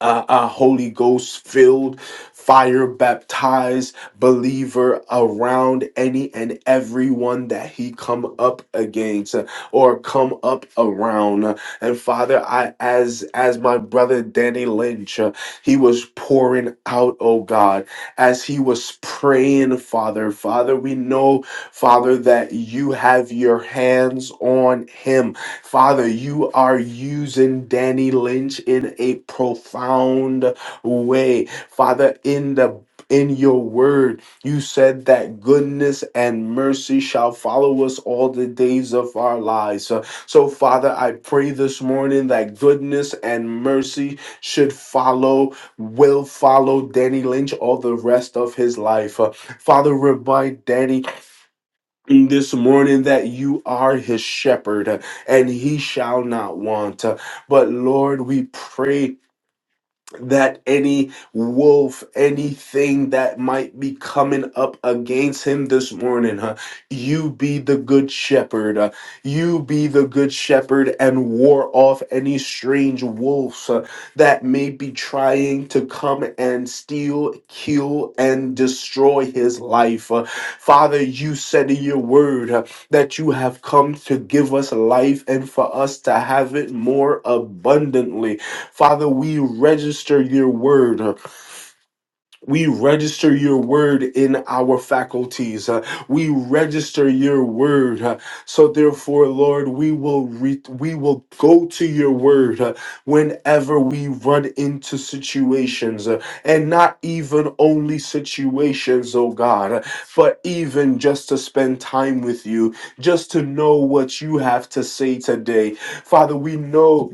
uh, a Holy Ghost filled, fire baptized believer around any and everyone that he come up against uh, or come up around. Uh, And Father, I as as my brother Danny Lynch, uh, he was pouring out, oh God, as he was praying, Father. Father, we know, Father, that you have your hands on him. Father, you are using Danny Lynch in a profound way. Father, in the in your word, you said that goodness and mercy shall follow us all the days of our lives. So, so, Father, I pray this morning that goodness and mercy should follow, will follow Danny Lynch all the rest of his life. Uh, Father, remind Danny this morning that you are his shepherd uh, and he shall not want. Uh, But Lord, we pray that any wolf, anything that might be coming up against him this morning, huh? You be the good shepherd. uh, you be the good shepherd and ward off any strange wolves uh, that may be trying to come and steal, kill, and destroy his life. Uh, Father, you said in your word uh, that you have come to give us life and for us to have it more abundantly. Father, we register your word. uh, We register your word in our faculties. uh, We register your word. uh, So therefore, Lord, we will re- we will go to your word uh, whenever we run into situations uh, and not even only situations, oh God, uh, but even just to spend time with you, just to know what you have to say today. Father, we know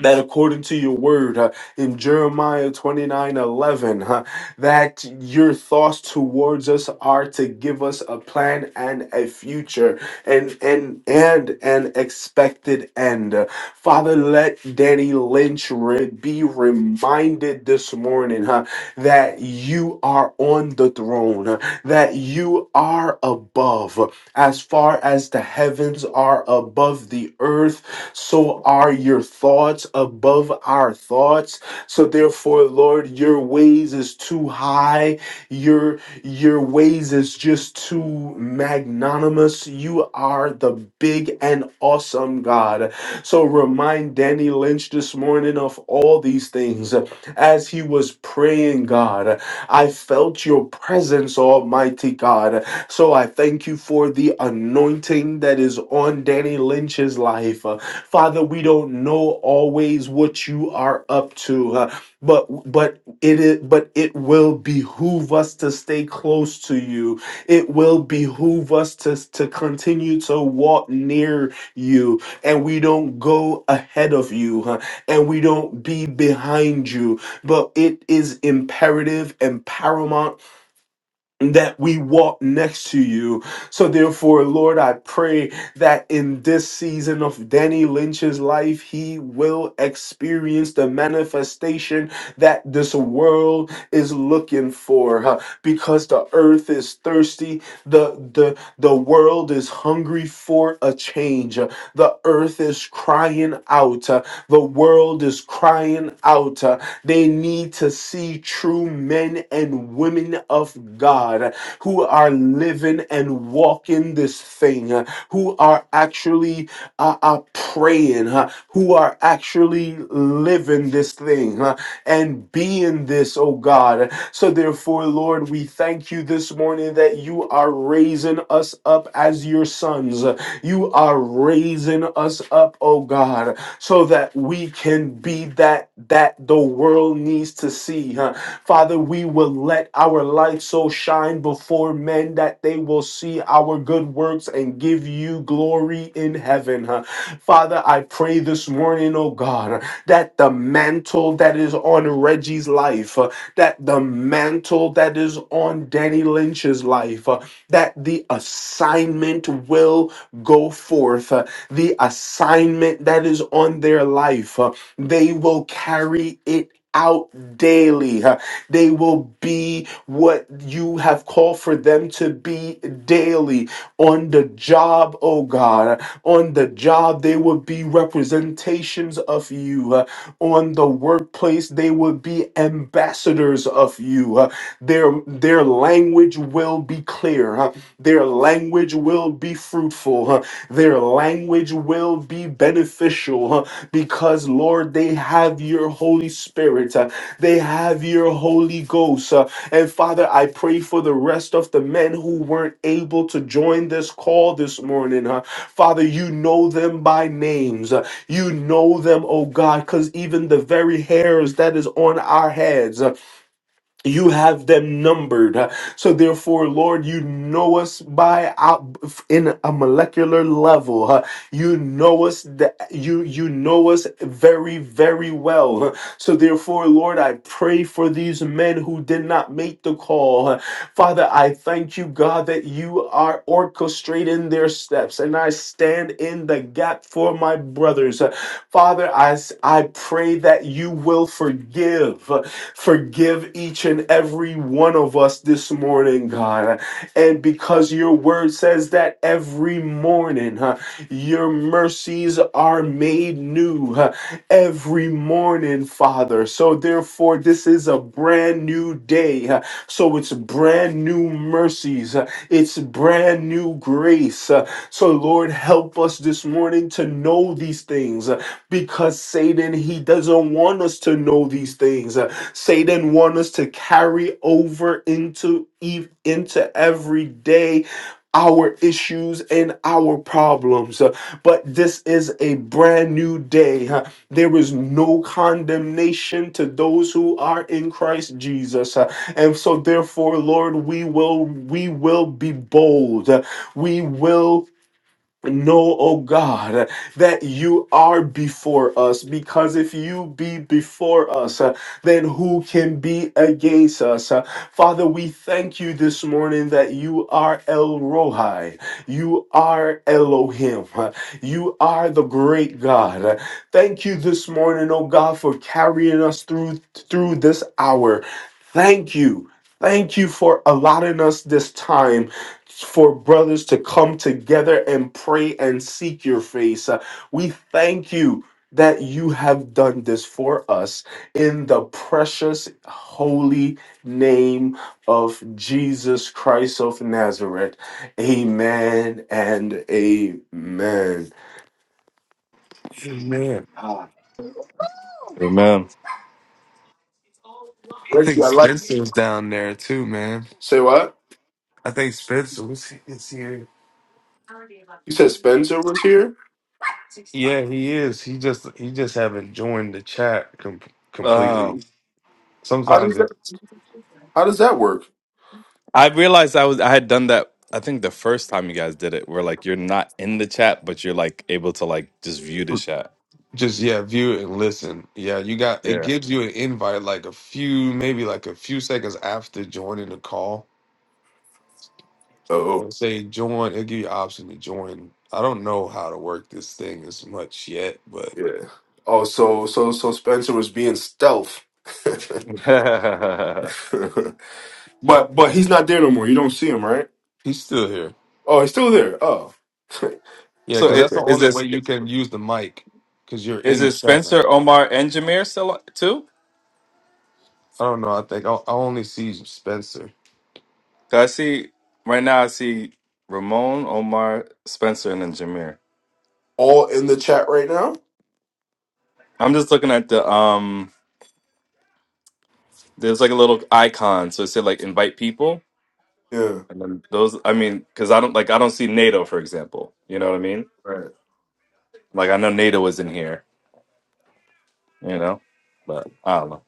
that according to your word uh, in Jeremiah twenty nine eleven, 11, that your thoughts towards us are to give us a plan and a future and and and an expected end. Uh, Father, let Danny Lynch re- be reminded this morning huh, that you are on the throne, uh, that you are above, as far as the heavens are above the earth so are your thoughts above our thoughts. So therefore, Lord, your ways is too high. Your your ways is just too magnanimous. You are the big and awesome God. So remind Danny Lynch this morning of all these things. As he was praying, God, I felt your presence, Almighty God. So I thank you for the anointing that is on Danny Lynch's life. Uh, Father, we don't know always what you are up to, uh, but but it is, but it will behoove us to stay close to you. It will behoove us to to continue to walk near you, and we don't go ahead of you, huh, and we don't be behind you. But it is imperative and paramount that we walk next to you. So, therefore, Lord, I pray that in this season of Danny Lynch's life, he will experience the manifestation that this world is looking for. huh? Because the earth is thirsty, the the the world is hungry for a change. huh? The earth is crying out. uh, The world is crying out. huh? They need to see true men and women of God who are living and walking this thing, uh, who are actually uh, uh, praying, uh, who are actually living this thing uh, and being this, oh God. So, therefore, Lord, we thank you this morning that you are raising us up as your sons. You are raising us up, oh God so that we can be that that the world needs to see huh? father we will let our light so shine before men that they will see our good works and give you glory in heaven huh? father i pray this morning oh god that the mantle that is on reggie's life uh, that the mantle that is on danny lynch's life uh, that the assignment will go forth. uh, the assignment that is on their life. Uh, They will carry it out daily. Uh, They will be what you have called for them to be daily on the job, oh God. On the job, they will be representations of you. Uh, On the workplace, they will be ambassadors of you. Uh, Their their language will be clear. huh? Their language will be fruitful. huh? Their language will be beneficial huh, because, Lord, they have your Holy Spirit. uh, They have your Holy Ghost. uh, And Father, I pray for the rest of the men who weren't able to join this call this morning. huh. Father, you know them by names. uh, You know them, oh God, because even the very hairs that is on our heads. huh? you have them numbered so therefore lord you know us by out in a molecular level you know us that you you know us very very well so, therefore, Lord, I pray for these men who did not make the call. Father, I thank you, God, that you are orchestrating their steps, and I stand in the gap for my brothers. Father, I, s- I pray that you will forgive, forgive each and every one of us this morning, God. And because your word says that every morning, huh, your mercies are made new every morning, Father. So, therefore, this is a brand new day. Uh, So, it's brand new mercies, Uh, it's brand new grace. Uh, So, Lord, help us this morning to know these things uh, because Satan, he doesn't want us to know these things. Uh, Satan wants us to carry over into, eve- into every day our issues and our problems. Uh, But this is a brand new day. There is no condemnation to those who are in Christ Jesus. Uh, And so therefore, Lord, we will we will be bold. Uh, We will Know, oh God, that you are before us, because if you be before us, uh, then who can be against us? Uh, Father, we thank you this morning that you are El Rohi, you are Elohim, uh, you are the great God. Uh, Thank you this morning, oh God, for carrying us through through this hour. Thank you. Thank you for allotting us this time for brothers to come together and pray and seek your face. Uh, we thank you that you have done this for us in the precious, holy name of Jesus Christ of Nazareth. Amen and amen.
Amen.
Ah,
I
Ricky,
think
I like.
Spencer's down there too, man.
Say what?
I think Spencer was is here.
You said Spencer was here.
Yeah, he is. He just he just haven't joined the chat com- completely.
How
Sometimes
does that?
it
How does that work?
I realized I was I had done that. I think the first time you guys did it, where like you're not in the chat, but you're like able to like just view the chat.
just yeah, view it and listen. Yeah, you got it
Yeah.
gives you an invite like a few maybe like a few seconds after joining the call. It'll
Oh,
say join. It'll give you an option to join. I don't know how to work this thing as much yet, but
yeah. Oh, so so so Spencer was being stealth. but but he's not there no more. You don't see him, right?
he's still here.
Oh, he's still there. Oh,
Yeah,
so
because that's
it,
the
okay.
is
only way
this
you can use the mic because you're
is
in the
this
chat now.
Spencer, Omar, and Jameer still on- too?
I don't know. I think I, I only see Spencer.
'Cause I see right now. I see Ramon, Omar, Spencer, and then Jameer.
All in the chat right now.
I'm just looking at the um. There's like a little icon, so it said like invite people,
Yeah.
and then those. I mean, because I don't like I don't see NATO, for example. You know what I mean?
Right.
Like I know NATO is in here. You know, but I don't know.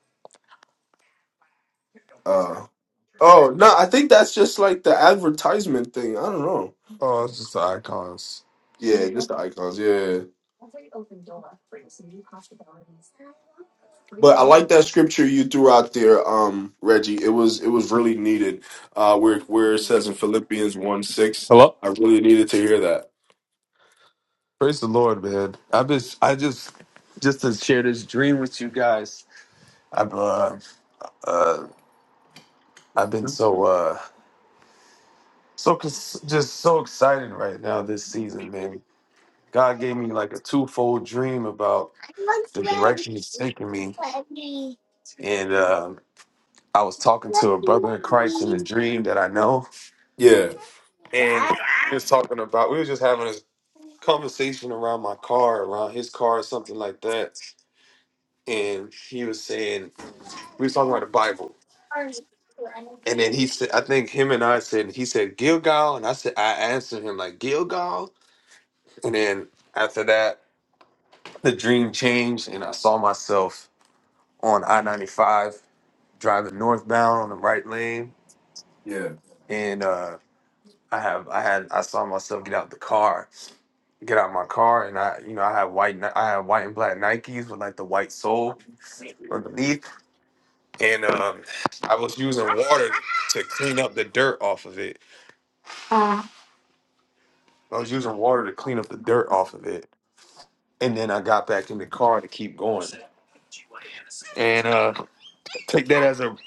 Uh. Oh no, I think that's just like the advertisement thing. I don't know.
Oh, it's just the icons.
Yeah, just the icons. Yeah. yeah, yeah. But I like that scripture you threw out there, um, Reggie. It was it was really needed. Uh, where where it says in Philippians one six,
Hello.
I really needed to hear that.
Praise the Lord, man. I've been, I just, just to share this dream with you guys. I've, uh, uh, I've been so, uh, so cons- just so excited right now this season, man. God gave me like a twofold dream about the direction He's taking me, and um, I was talking to a brother in Christ in a dream that I know,
Yeah.
and we was talking about we was just having a conversation around my car, around his car or something like that. And he was saying we was talking about the Bible. And then he said I think him and I said he said Gilgal and I said I answered him like Gilgal and then after that the dream changed and I saw myself on I ninety five driving northbound on the right lane.
Yeah.
and. uh I have I had I saw myself get out the car, get out my car, and I you know I had white Ni- I had white and black Nikes with like the white sole underneath, and um, I was using water to clean up the dirt off of it. I was using water to clean up the dirt off of it, and then I got back in the car to keep going. And uh, take that as a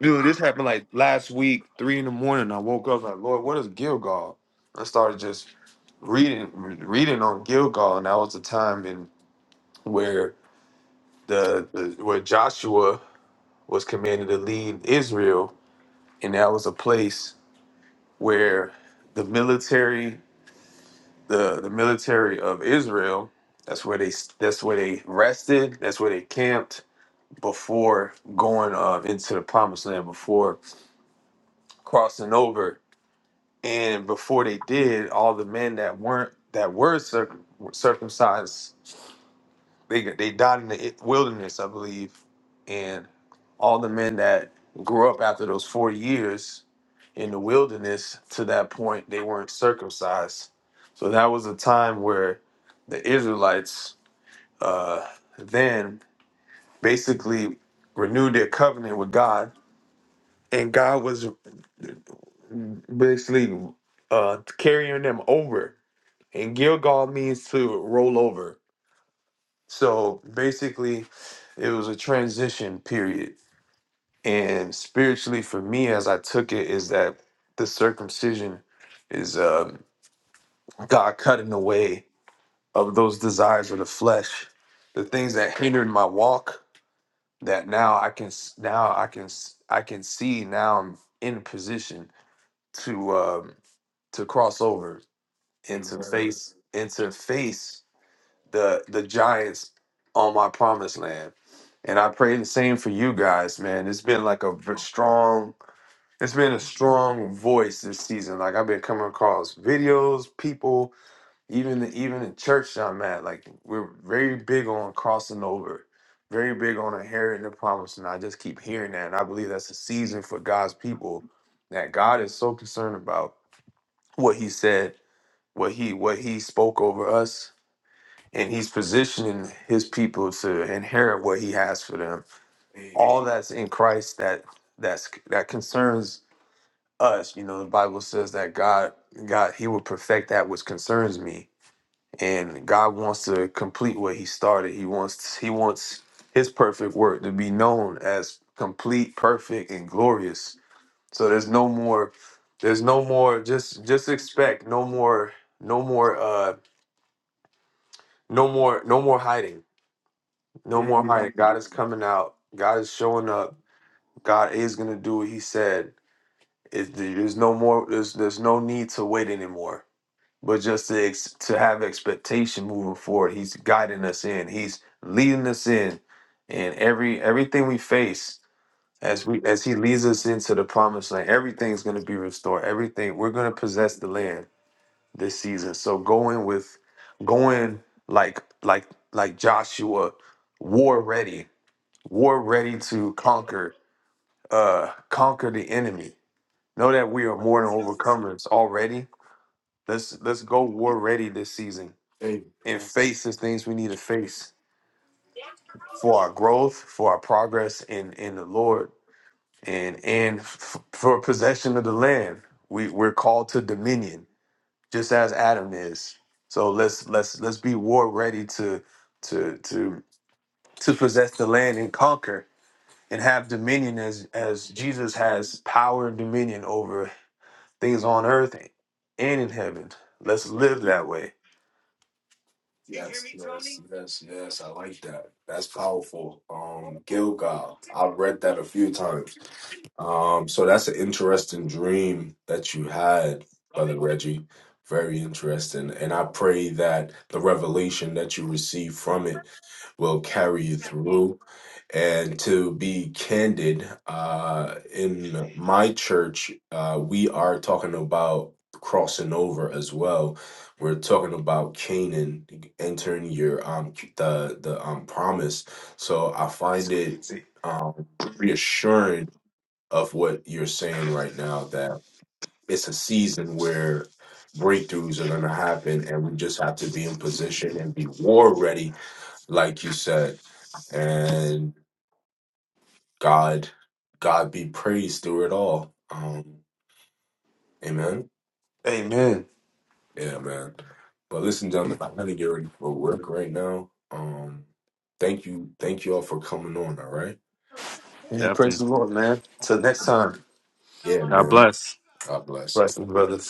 dude. This happened like last week, three in the morning. I woke up like Lord, what is Gilgal? I started just reading reading on Gilgal, and that was the time in where the, the where Joshua was commanded to lead Israel, and that was a place where the military, the the military of Israel, that's where they that's where they rested, that's where they camped before going uh, into the promised land, before crossing over, and before they did, all the men that weren't that were circum, circumcised They they died in the wilderness, I believe, and all the men that grew up after those four years in the wilderness to that point they weren't circumcised. So that was a time where the Israelites uh, then basically renewed their covenant with God, and God was basically uh, carrying them over. And Gilgal means to roll over. So basically, it was a transition period And spiritually, for me, as I took it, is that the circumcision is um, God cutting away of those desires of the flesh, the things that hindered my walk. That now I can, s- now I can, s- I can see. Now I'm in a position to um, to cross over and to
Amen.
face and to face the the giants on my promised land. And I pray the same for you guys, man. It's been like a v- strong It's been a strong voice this season. Like I've been coming across videos, people, even even in church I'm at. Like we're very big on crossing over, very big on inheriting the promise, and I just keep hearing that. And I believe that's a season for God's people that God is so concerned about what He said, what He what He spoke over us, and He's positioning His people to inherit what He has for them.
Amen.
All that's in Christ that that's that concerns us. You know, the Bible says that God, God, He will perfect that which concerns me, and God wants to complete what He started. He wants, He wants His perfect work to be known as complete, perfect, and glorious. So there's no more, there's no more. Just, just expect no more, no more, uh, no more, no more hiding, no more hiding.
Mm.
God is coming out. God is showing up. God is gonna do what He said. It, there's no more. There's there's no need to wait anymore but just to ex- to have expectation moving forward. He's guiding us in. He's leading us in, and every everything we face as we as He leads us into the promised land, everything's going to be restored. Everything we're going to possess the land this season. So going with going like like like Joshua, war ready, war ready to conquer uh conquer the enemy. Know that we are more than overcomers already. Let's let's go war ready this season and
Amen.
face the things we need to face for our growth, for our progress in in the Lord, and and f- for possession of the land. We we're called to dominion, just as Adam is. So let's let's let's be war ready to to to to possess the land and conquer and have dominion as as Jesus has power and dominion over things on earth and in heaven. Let's live that way.
Yes, yes, yes, yes. I like that. That's powerful. Um, Gilgal. I've read that a few times. Um, so that's an interesting dream that you had, Brother Reggie. Very interesting. And I pray that the revelation that you receive from it will carry you through. And to be candid, uh, in my church, uh, we are talking about crossing over as well. We're talking about Canaan entering your um the the um promise. So I
That's
find it
crazy.
um reassuring of what you're saying right now that it's a season where breakthroughs are going to happen and we just have to be in position and be war ready like you said and god god be praised through it all um amen
Amen.
yeah man but listen gentlemen i'm gonna get ready for work right now um thank you thank you all for coming on all right
Yeah, praise the
Definitely.
Lord, man. Till next time.
yeah
God
man
bless.
god bless
Blessings, brothers.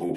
Ooh.